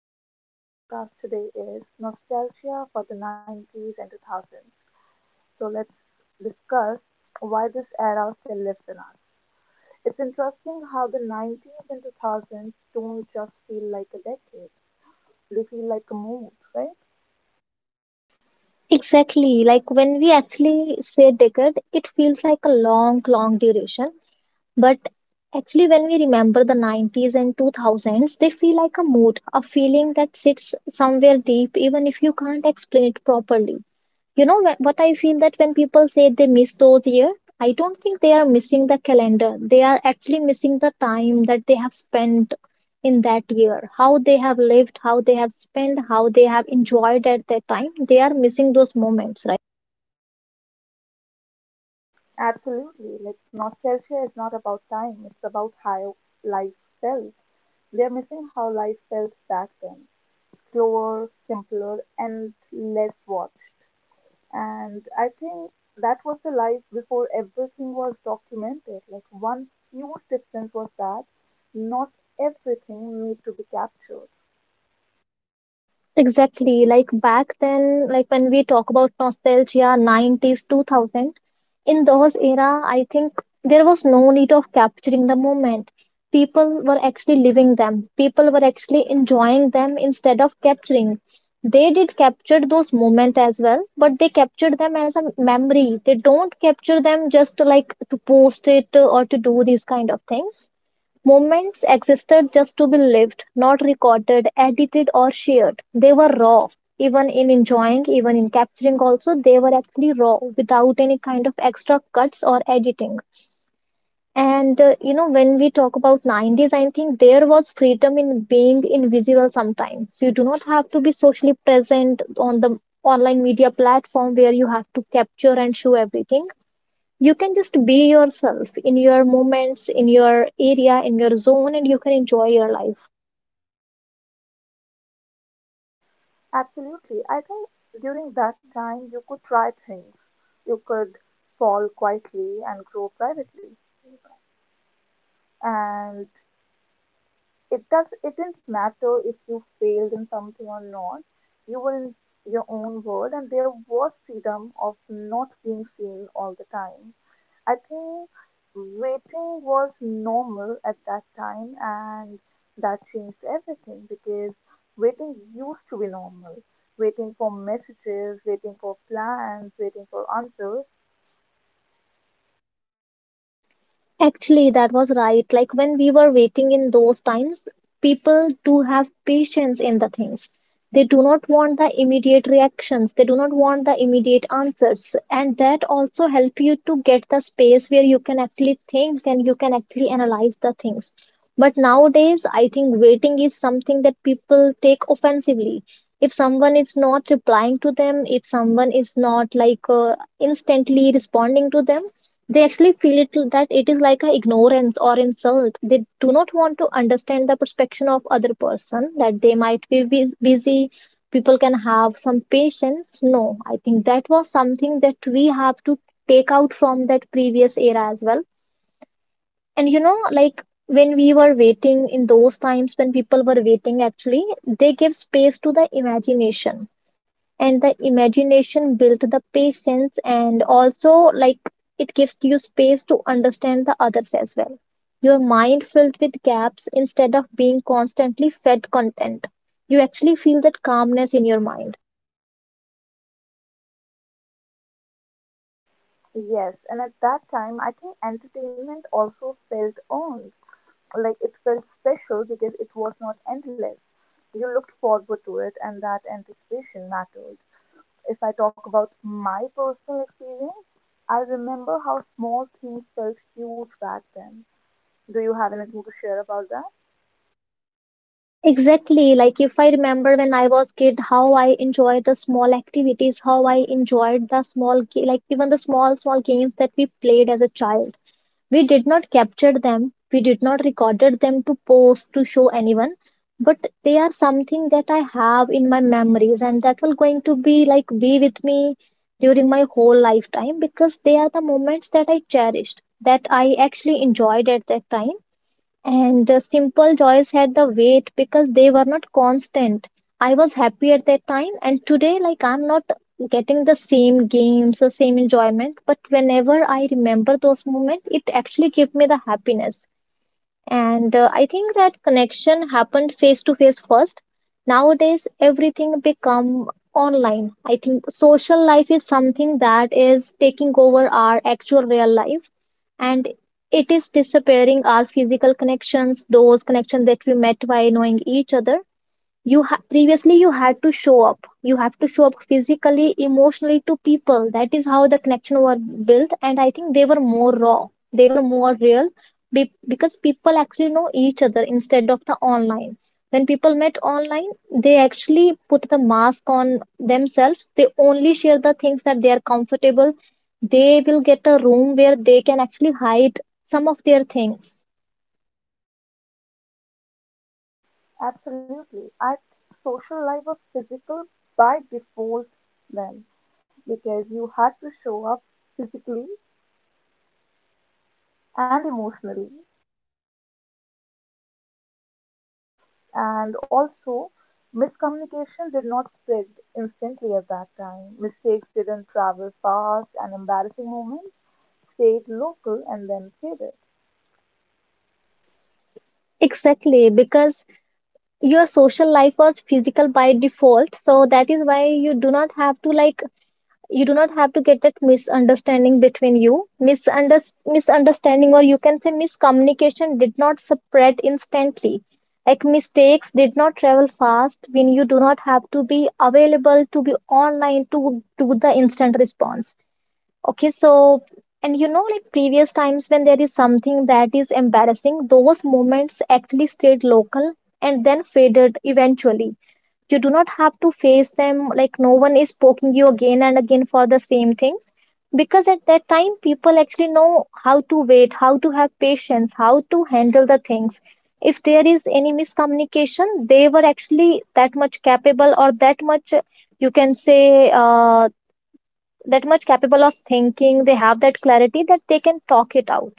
topic we're gonna discuss today is nostalgia for the 90s and 2000s. So let's discuss why this era still lives in us. It's interesting how the 90s and 2000s don't just feel like a decade; they feel like a mood, right? Exactly. Like when we actually say decade, it feels like a long, long duration. But actually, when we remember the 90s and 2000s, they feel like a mood, a feeling that sits somewhere deep, even if you can't explain it properly. You know what I feel that when people say they miss those years, I don't think they are missing the calendar. They are actually missing the time that they have spent in that year, how they have lived, how they have spent, how they have enjoyed at that time. They are missing those moments, right? Absolutely. Like nostalgia is not about time; it's about how life felt. They're missing how life felt back then, slower, simpler, and less watched. And I think that was the life before everything was documented. Like one huge difference was that not everything need to be captured. Exactly. Like back then, like when we talk about nostalgia, 90s, 2000, in those era, I think there was no need of capturing the moment. People were actually living them. People were actually enjoying them instead of capturing. They did capture those moments as well, but they captured them as a memory. They don't capture them just like to post it or to do these kind of things. Moments existed just to be lived, not recorded, edited or shared. They were raw, even in enjoying, even in capturing also, they were actually raw without any kind of extra cuts or editing. When we talk about 90s, I think there was freedom in being invisible sometimes. You do not have to be socially present on the online media platform where you have to capture and show everything. You can just be yourself in your moments, in your area, in your zone, and you can enjoy your life. Absolutely. I think during that time you could try things. You could fall quietly and grow privately. And it didn't matter if you failed in something or not. You were in your own world and there was freedom of not being seen all the time. I think waiting was normal at that time and that changed everything because waiting used to be normal. Waiting for messages, waiting for plans, waiting for answers. Actually, that was right. Like when we were waiting in those times, people do have patience in the things. They do not want the immediate reactions. They do not want the immediate answers. And that also help you to get the space where you can actually think and you can actually analyze the things. But nowadays, I think waiting is something that people take offensively. If someone is not replying to them, if someone is not like instantly responding to them, they actually feel it that it is like a ignorance or insult. They do not want to understand the perspective of other person that they might be busy. People can have some patience. No, I think that was something that we have to take out from that previous era as well. And you know, like when we were waiting in those times when people were waiting, actually, they give space to the imagination, and the imagination built the patience, and also like it gives you space to understand the others as well. Your mind filled with gaps instead of being constantly fed content. You actually feel that calmness in your mind. Yes, and at that time, I think entertainment also felt earned. Like it felt special because it was not endless. You looked forward to it, and that anticipation mattered. If I talk about my personal experience, I remember how small things felt huge back then. Do you have anything to share about that? Exactly, like if I remember when I was kid, how I enjoyed the small activities, how I enjoyed the small like even the small small games that we played as a child. We did not capture them, we did not recorded them to post to show anyone, but they are something that I have in my memories and that will going to be like be with me during my whole lifetime, because they are the moments that I cherished, that I actually enjoyed at that time, and the simple joys had the weight because they were not constant. I was happy at that time, and today, like, I'm not getting the same games, the same enjoyment. But whenever I remember those moments, it actually gave me the happiness. And I think that connection happened face to face first. Nowadays, everything become online. I think social life is something that is taking over our actual real life, and it is disappearing our physical connections, those connections that we met by knowing each other. Previously you had to show up, you have to show up physically, emotionally to people. That is how the connection were built, and I think they were more raw, they were more real, because people actually know each other instead of the online. When people met online, they actually put the mask on themselves. They only share the things that they are comfortable. They will get a room where they can actually hide some of their things. Absolutely. I think social life was physical by default then because you had to show up physically and emotionally. And also, miscommunication did not spread instantly at that time. Mistakes didn't travel fast, and embarrassing moments stayed local and then faded. Exactly, because your social life was physical by default, so that is why you do not have to like, you do not have to get that misunderstanding between you. Misunderstanding, or you can say miscommunication did not spread instantly, like mistakes did not travel fast when you do not have to be available to be online to do the instant response. Okay, so and you know, like previous times when there is something that is embarrassing, those moments actually stayed local and then faded eventually. You do not have to face them, like, no one is poking you again and again for the same things. Because at that time, people actually know how to wait, how to have patience, how to handle the things. If there is any miscommunication, they were actually that much capable or that much, you can say, that much capable of thinking. They have that clarity that they can talk it out.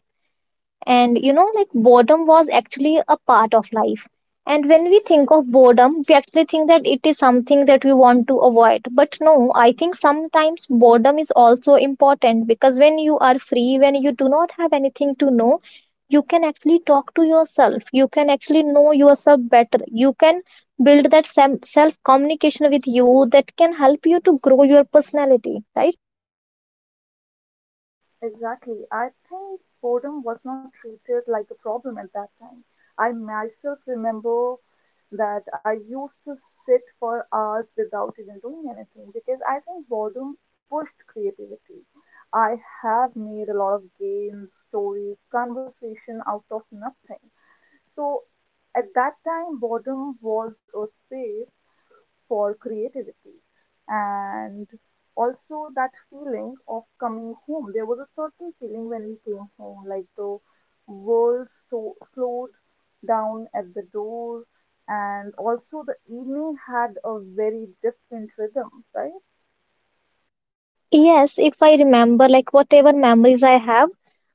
And you know, like boredom was actually a part of life, and when we think of boredom, we actually think that it is something that we want to avoid. But no, I think sometimes boredom is also important, because when you are free, when you do not have anything to know, you can actually talk to yourself, you can actually know yourself better, you can build that self communication with you that can help you to grow your personality, right? Exactly. I think boredom was not treated like a problem at that time. I myself remember that I used to sit for hours without even doing anything because I think boredom pushed creativity. I have made a lot of games, stories, conversation out of nothing. So at that time, boredom was a space for creativity and also that feeling of coming home. There was a certain feeling when we came home, like the world so, slowed down at the door, and also the evening had a very different rhythm, right? Yes, if I remember, like whatever memories I have,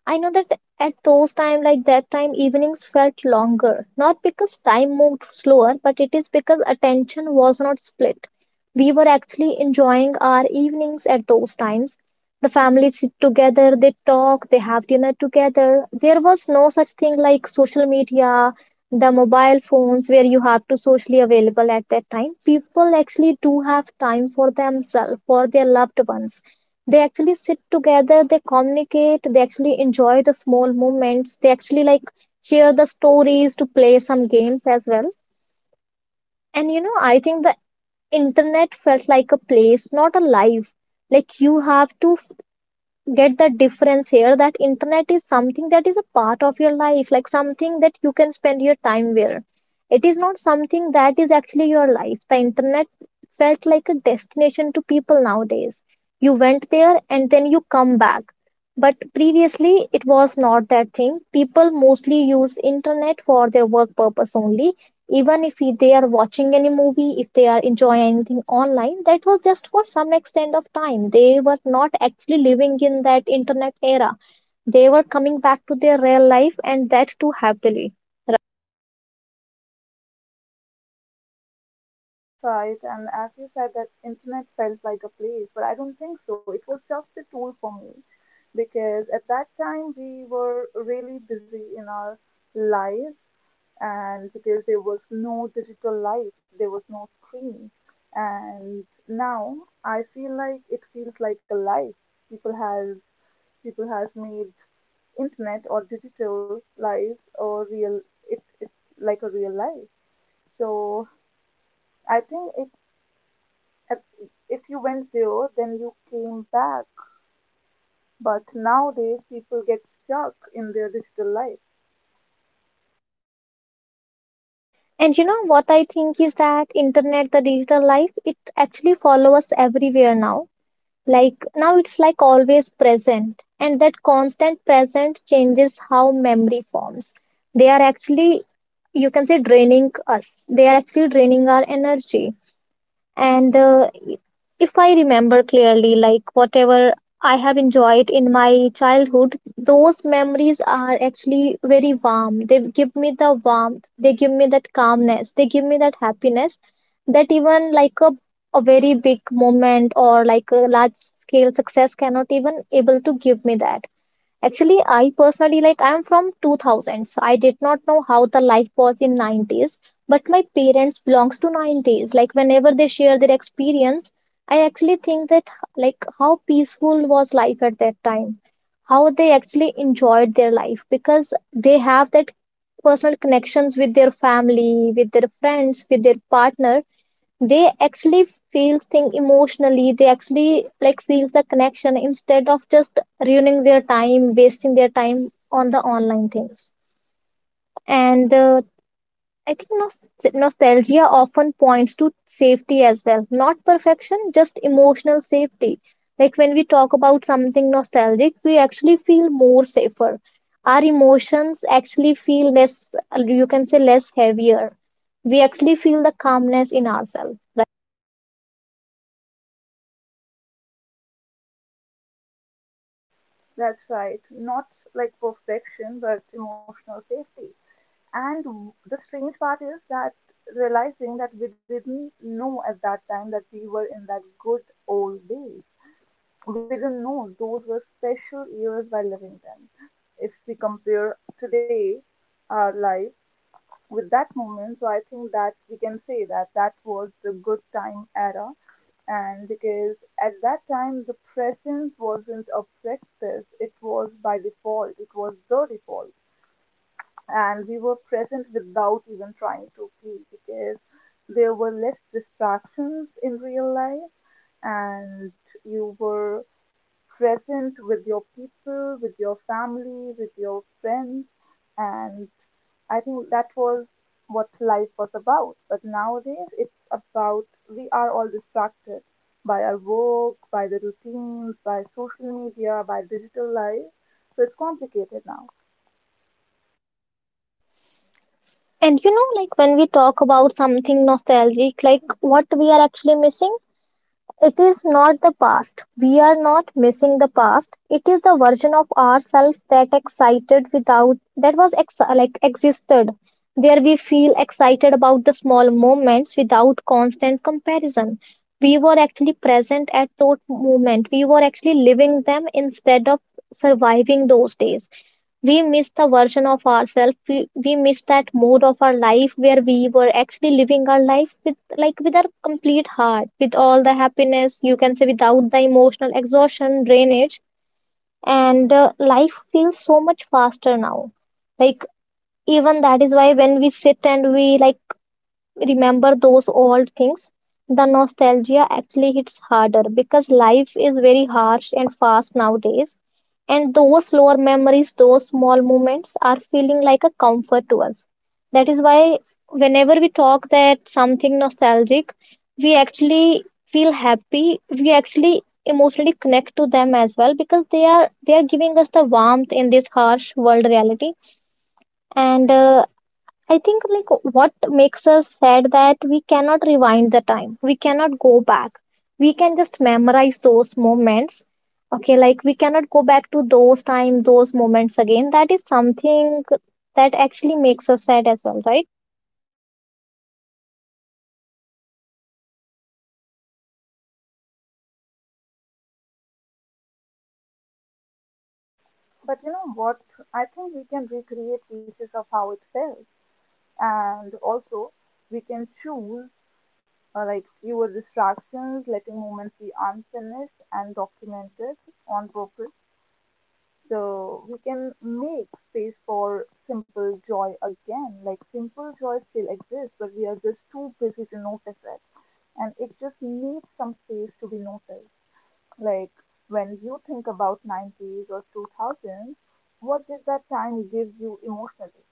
I know that at those time, like that time, evenings felt longer. Not because time moved slower, but it is because attention was not split. We were actually enjoying our evenings at those times. The family sit together, they talk, they have dinner together. There was no such thing like social media, the mobile phones where you have to socially available at that time. People actually do have time for themselves, for their loved ones. They actually sit together, they communicate, they actually enjoy the small moments, they actually like share the stories to play some games as well. And you know, I think the internet felt like a place, not a life. Like you have to get the difference here that internet is something that is a part of your life, like something that you can spend your time with. It is not something that is actually your life. The internet felt like a destination to people nowadays. You went there and then you come back. But previously, it was not that thing. People mostly use internet for their work purpose only. Even if they are watching any movie, if they are enjoying anything online, that was just for some extent of time. They were not actually living in that internet era. They were coming back to their real life, and that too happily. That's right, and as you said, that internet felt like a place, but I don't think so. It was just a tool for me because at that time we were really busy in our lives, and because there was no digital life, there was no screen. And now I feel like it feels like a life. People has people has made internet or digital life or real it's like a real life, so I think it at- if you went there, then you came back. But nowadays, people get stuck in their digital life. And you know what, I think is that internet, the digital life, it actually follows us everywhere now. Like now it's like always present, and that constant present changes how memory forms. They are actually, you can say, draining us. They are actually draining our energy. And if I remember clearly, like whatever I have enjoyed in my childhood, those memories are actually very warm. They give me the warmth, they give me that calmness, they give me that happiness, that even like a very big moment or like a large scale success cannot even able to give me that. Actually, I personally like I'm from 2000s. I did not know how the life was in 90s, but my parents belongs to 90s. Like whenever they share their experience, I actually think that like how peaceful was life at that time, how they actually enjoyed their life, because they have that personal connections with their family, with their friends, with their partner. They actually feels thing emotionally. They actually like feels the connection instead of just ruining their time, wasting their time on the online things. And I think nostalgia often points to safety as well, not perfection, just emotional safety. Like when we talk about something nostalgic, we actually feel more safer. Our emotions actually feel less, you can say, less heavier. We actually feel the calmness in ourselves. That's right. Not like perfection, but emotional safety. And the strange part is that realizing that we didn't know at that time that we were in that good old days. We didn't know those were special years while living them. If we compare today, our life with that moment. So I think that we can say that that was the good time era, and because at that time the presence wasn't a practice, it was by default, it was the default, and we were present without even trying to be because there were less distractions in real life, and you were present with your people, with your family, with your friends and I think that was what life was about. But nowadays, it's about we are all distracted by our work, by the routines, by social media, by digital life. So it's complicated now. And you know, like when we talk about something nostalgic, like what we are actually missing, it is not the past. We are not missing the past. It is the version of ourselves that excited without, that was like existed. There we feel excited about the small moments without constant comparison. We were actually present at that moment. We were actually living them instead of surviving those days. We miss the version of ourselves. We miss that mode of our life where we were actually living our life with with our complete heart, with all the happiness, you can say without the emotional exhaustion, drainage, and life feels so much faster now. Like even that is why when we sit and we like remember those old things, the nostalgia actually hits harder because life is very harsh and fast nowadays. And those slower memories, those small moments are feeling like a comfort to us. That is why whenever we talk that something nostalgic, we actually feel happy. We actually emotionally connect to them as well because they are giving us the warmth in this harsh world reality and I think like what makes us sad that we cannot rewind the time. We cannot go back. We can just memorize those moments. Okay, like we cannot go back to those time, those moments again. That is something that actually makes us sad as well, right? But you know what? I think we can recreate pieces of how it felt. And also, we can choose like fewer distractions, letting moments be unfinished and documented on purpose. So we can make space for simple joy again. Like simple joy still exists, but we are just too busy to notice it. And it just needs some space to be noticed. Like when you think about 90s or 2000s, what did that time give you emotionally?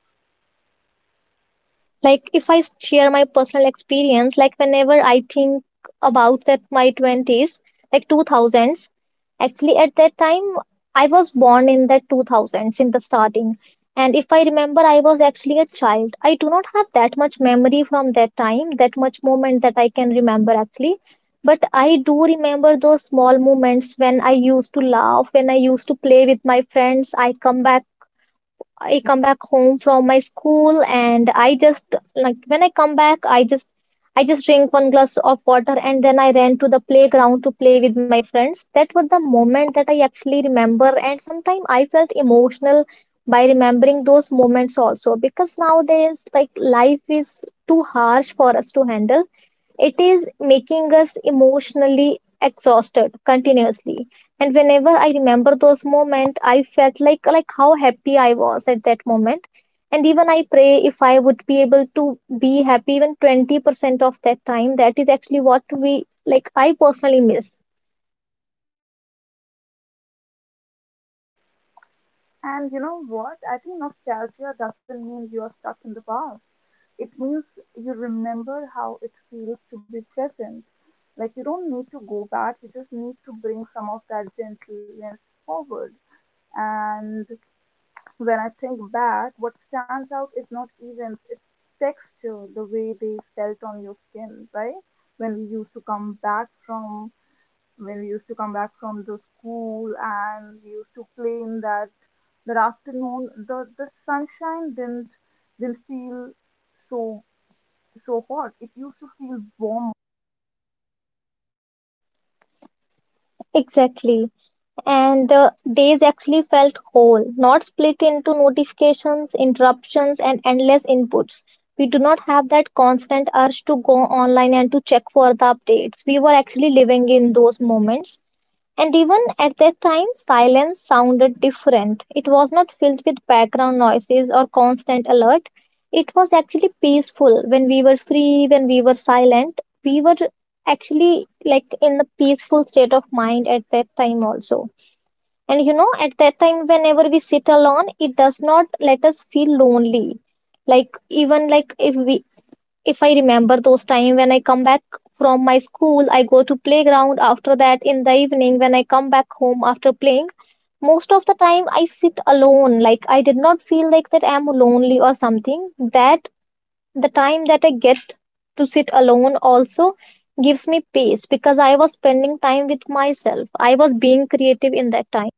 Like, if I share my personal experience, like, whenever I think about that, my 20s, like 2000s, actually, at that time, I was born in the 2000s in the starting. And if I remember, I was actually a child. I do not have that much memory from that time, that much moment that I can remember actually. But I do remember those small moments when I used to laugh, when I used to play with my friends. I come back home from my school and I just like when I come back I just drink one glass of water and then I ran to the playground to play with my friends. That was the moment that I actually remember, and sometimes I felt emotional by remembering those moments also because nowadays like life is too harsh for us to handle. It is making us emotionally exhausted continuously. And whenever I remember those moments, I felt like how happy I was at that moment. And even I pray if I would be able to be happy even 20% of that time, that is actually what we like I personally miss. And you know what? I think nostalgia doesn't mean you are stuck in the past. It means you remember how it feels to be present. Like you don't need to go back, you just need to bring some of that gentleness forward. And when I think back, what stands out is not events, it's texture, the way they felt on your skin, right? When we used to come back from when we used to come back from the school and we used to play in that afternoon, the sunshine didn't feel so so hot, it used to feel warmer. Exactly, and the days actually felt whole, not split into notifications, interruptions, and endless inputs. We do not have that constant urge to go online and to check for the updates. We were actually living in those moments. And even at that time, silence sounded different. It was not filled with background noises or constant alert. It was actually peaceful when we were free, when we were silent. We were actually like in the peaceful state of mind at that time also. And you know, at that time, whenever we sit alone, it does not let us feel lonely. Like even like if we if I remember those time when I come back from my school, I go to playground after that in the evening when I come back home after playing, most of the time I sit alone. Like I did not feel like that I'm lonely or something. That the time that I get to sit alone also gives me peace because I was spending time with myself. I was being creative in that time.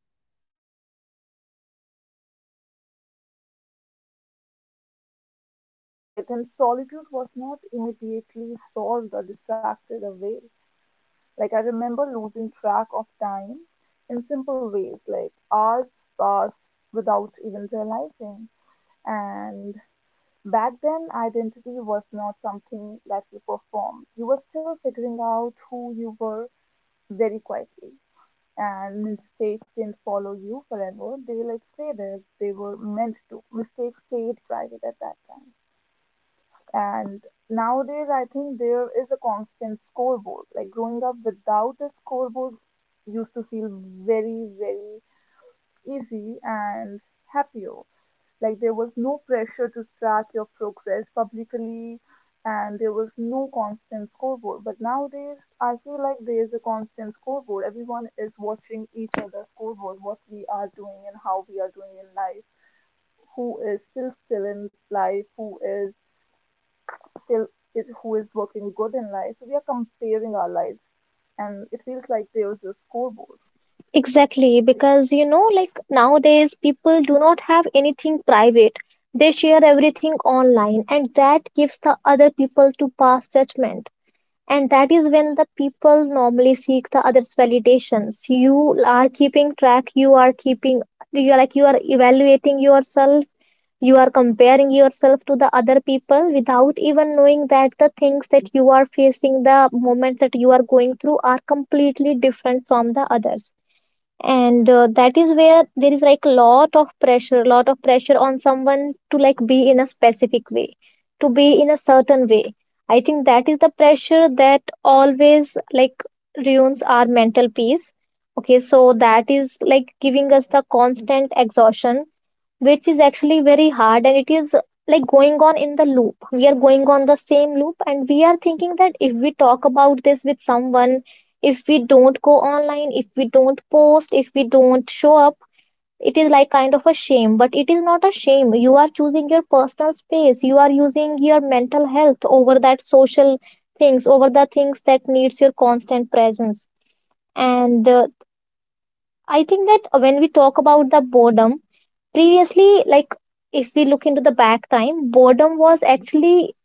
That's right, and solitude was not immediately solved or distracted away. Like, I remember losing track of time in simple ways, like hours passed without even realizing. And back then, identity was not something that you performed, you were still figuring out who you were very quietly. And mistakes didn't follow you forever. They like stay there. They were meant to. Mistakes stayed private at that time. And nowadays, I think there is a constant scoreboard. Like growing up without a scoreboard used to feel very, very easy and happier. Like there was no pressure to track your progress publicly, and there was no constant scoreboard. But nowadays, I feel like there is a constant scoreboard. Everyone is watching each other's scoreboard, what we are doing and how we are doing in life, who is still in life, who is still is, who is working good in life. So we are comparing our lives, and it feels like there is a scoreboard. Exactly, because you know, like nowadays people do not have anything private. They share everything online, and that gives the other people to pass judgment. And that is when the people normally seek the others' validations. You are like you are evaluating yourself, you are comparing yourself to the other people without even knowing that the things that you are facing, the moment that you are going through, are completely different from the others. And That is where there is like a lot of pressure on someone to like be in a specific way, to be in a certain way. I think that is the pressure that always like ruins our mental peace. Okay, so that is like giving us the constant exhaustion, which is actually very hard, and it is like going on in the loop. We are going on the same loop, and we are thinking that if we talk about this with someone, if we don't go online, if we don't post, if we don't show up, it is like kind of a shame. But it is not a shame. You are choosing your personal space. You are using your mental health over that social things, over the things that needs your constant presence. And I think that when we talk about the boredom. Previously, like if we look into the back time, boredom was actually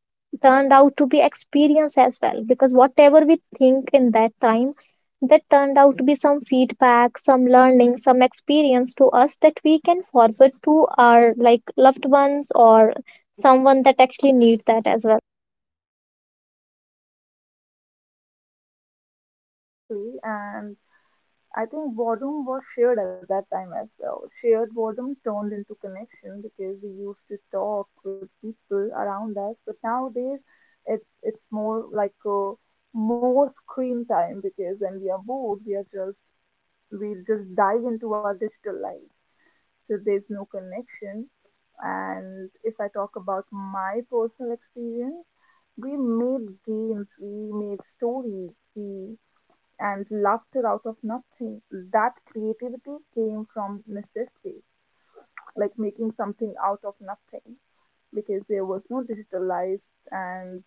turned out to be experience as well, because whatever we think in that time, that turned out to be some feedback, some learning, some experience to us that we can forward to our like loved ones or someone that actually need that as well. Exactly, and I think boredom was shared at that time as well. Shared boredom turned into connection because we used to talk with people around us, but nowadays it's more like a more screen time because when we are bored, we just dive into our digital life. So there's no connection. And if I talk about my personal experience, we made games, we made stories, we and laughter out of nothing. That creativity came from necessity, like making something out of nothing, because there was no digitalized and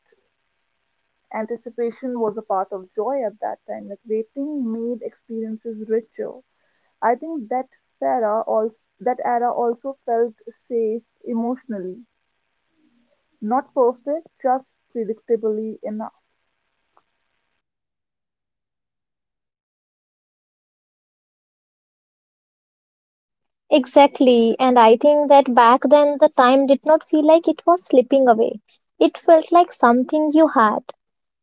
anticipation was a part of joy at that time. Like waiting made experiences richer. I think era also that era also felt safe emotionally, not perfect, just predictably enough. Exactly, and I think that back then the time did not feel like it was slipping away. It felt like something you had.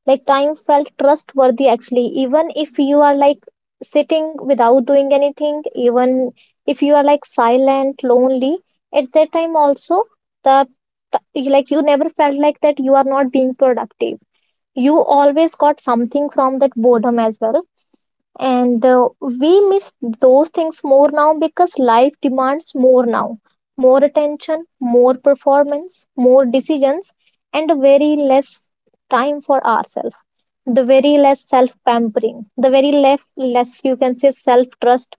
Like time felt trustworthy actually, even if you are like sitting without doing anything, even if you are like silent, lonely, at that time also the like you never felt like that you are not being productive. You always got something from that boredom as well. And We miss those things more now because life demands more now, more attention, more performance, more decisions, and very less time for ourselves, the very less self pampering, the very less less you can say self trust.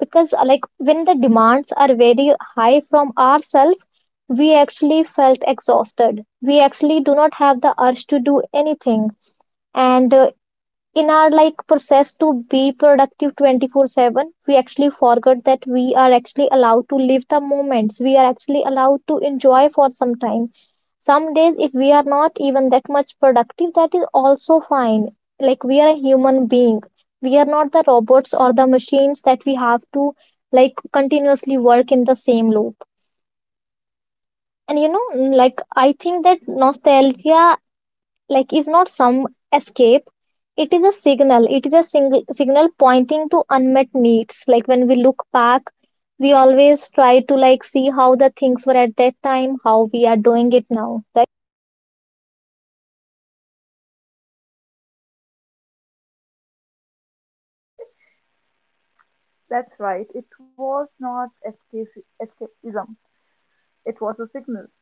Because like when the demands are very high from ourselves, we actually felt exhausted. We actually do not have the urge to do anything. And In our like process to be productive 24/7, we actually forget that we are actually allowed to live the moments. We are actually allowed to enjoy for some time. Some days if we are not even that much productive, that is also fine. Like we are a human being. We are not the robots or the machines that we have to like continuously work in the same loop. And you know, like I think that nostalgia like is not some escape. It is a signal. It is a single signal pointing to unmet needs. Like when we look back, we always try to like see how the things were at that time, how we are doing it now, right? That's right. It was not escape, escapism. It was a signal.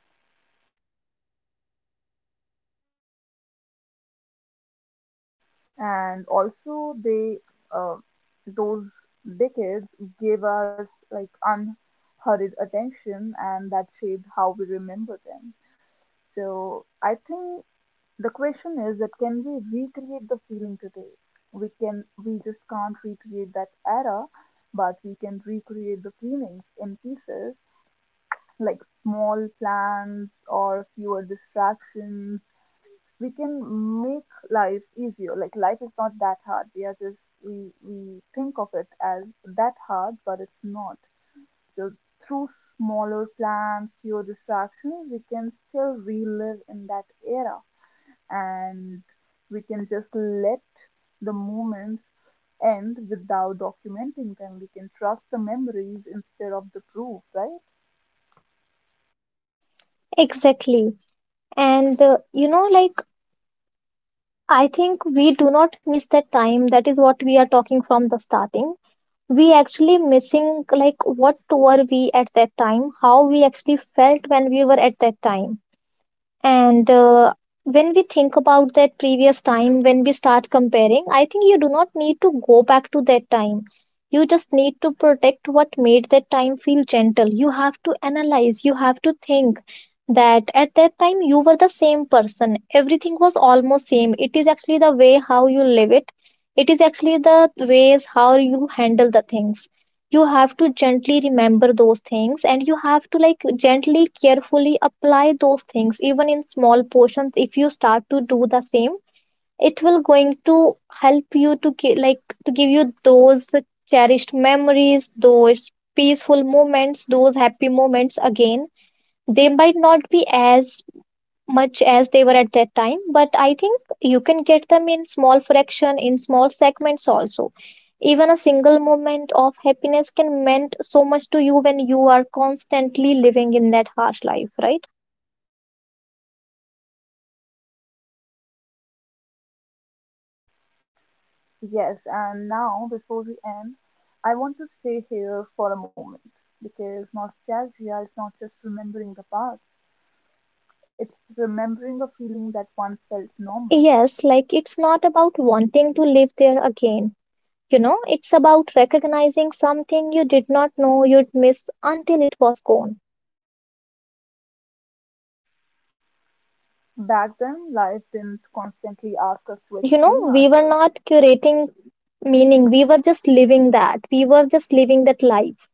And also they uh, those decades gave us like unhurried attention and that shaped how we remember them, so I think the question is that can we recreate the feeling today. We can, we just can't recreate that era, but we can recreate the feelings in pieces like small plans or fewer distractions. We can make life easier. Like life is not that hard. We are just we think of it as that hard, but it's not. So through smaller plans, fewer distractions, we can still relive in that era, and we can just let the moments end without documenting them. We can trust the memories instead of the proof, right? Exactly, and you know like I think we do not miss that time. That is what we are talking from the starting. We actually missing like what were we at that time, how we actually felt when we were at that time. And When we think about that previous time, when we start comparing, I think you do not need to go back to that time. You just need to protect what made that time feel gentle. You have to analyze, you have to think that at that time you were the same person. Everything was almost same. It is actually the way how you live it. It is actually the ways how you handle the things. You have to gently remember those things, and you have to like gently carefully apply those things even in small portions. If you start to do the same, it will going to help you to like to give you those cherished memories, those peaceful moments, those happy moments again. They might not be as much as they were at that time, but I think you can get them in small fraction, in small segments also. Even a single moment of happiness can mean so much to you when you are constantly living in that harsh life, right? Yes, and now before we end, I want to stay here for a moment because nostalgia is not just remembering the past, it's remembering a feeling that once felt normal. Yes, like it's not about wanting to live there again. You know, it's about recognizing something you did not know you'd miss until it was gone. Back then, life didn't constantly ask us to And you know, explain we were ourselves, not curating meaning. We were just living that. We were just living that life.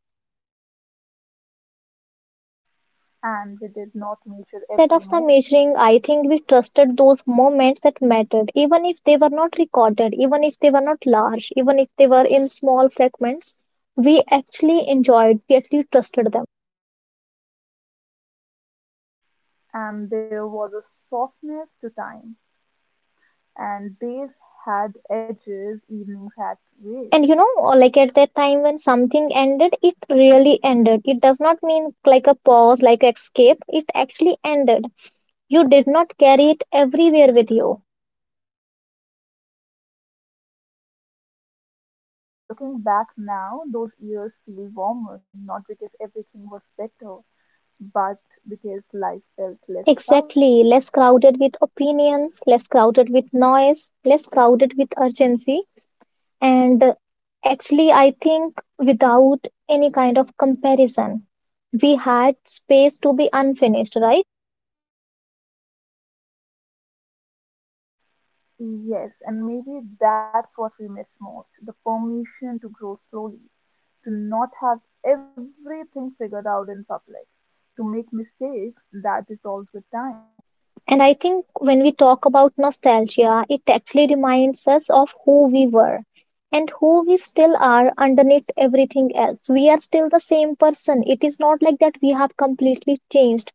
and we did not measure Instead every of the moment, measuring, I think we trusted those moments that mattered, even if they were not recorded, even if they were not large, even if they were in small fragments. We actually enjoyed, we actually trusted them. and there was a softness to time, and days had edges, evenings had weight. And you know, like at that time when something ended, it really ended. It does not mean like a pause, like escape. It actually ended. You did not carry it everywhere with you. Absolutely. And looking back now, those years feel warmer, not because everything was better, but because life felt less crowded. Exactly. Less crowded with opinions, less crowded with noise, less crowded with urgency. And actually, I think without any kind of comparison, we had space to be unfinished, right? Yes, and maybe that's what we miss most, the permission to grow slowly, to not have everything figured out in public, to make mistakes that dissolve with time. And I think when we talk about nostalgia, it actually reminds us of who we were and who we still are underneath everything else. We are still the same person. It is not like that we have completely changed.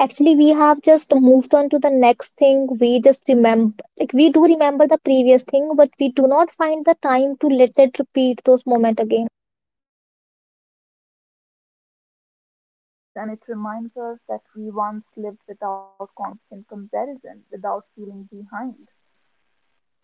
Actually we have just moved on to the next thing. We just remember, like we do remember the previous thing, but we do not find the time to let it repeat those moments again. Yes, and it reminds us that we once lived without constant comparison, without feeling behind.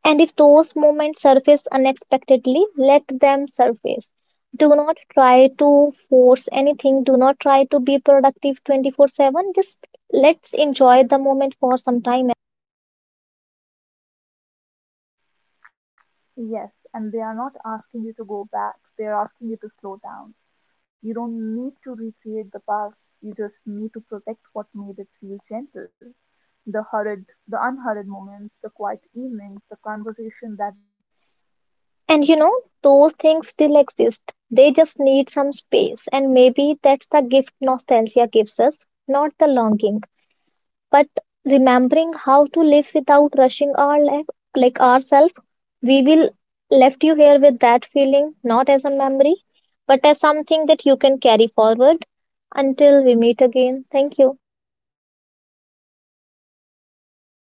And if those moments surface unexpectedly, let them surface. Do not try to force anything, do not try to be productive 24/7. Just let's enjoy the moment for some time. Yes, and they are not asking you to go back, they are asking you to slow down. You don't need to recreate the past, you just need to protect what made it feel gentle. The hurried, the unhurried moments, the quiet evenings, the conversation that did not need proof. And you know, those things still exist. They just need some space. And maybe that's the gift nostalgia gives us, not the longing, but remembering how to live without rushing our life, like ourselves. We will left you here with that feeling, not as a memory, but as something that you can carry forward. Until we meet again, thank you.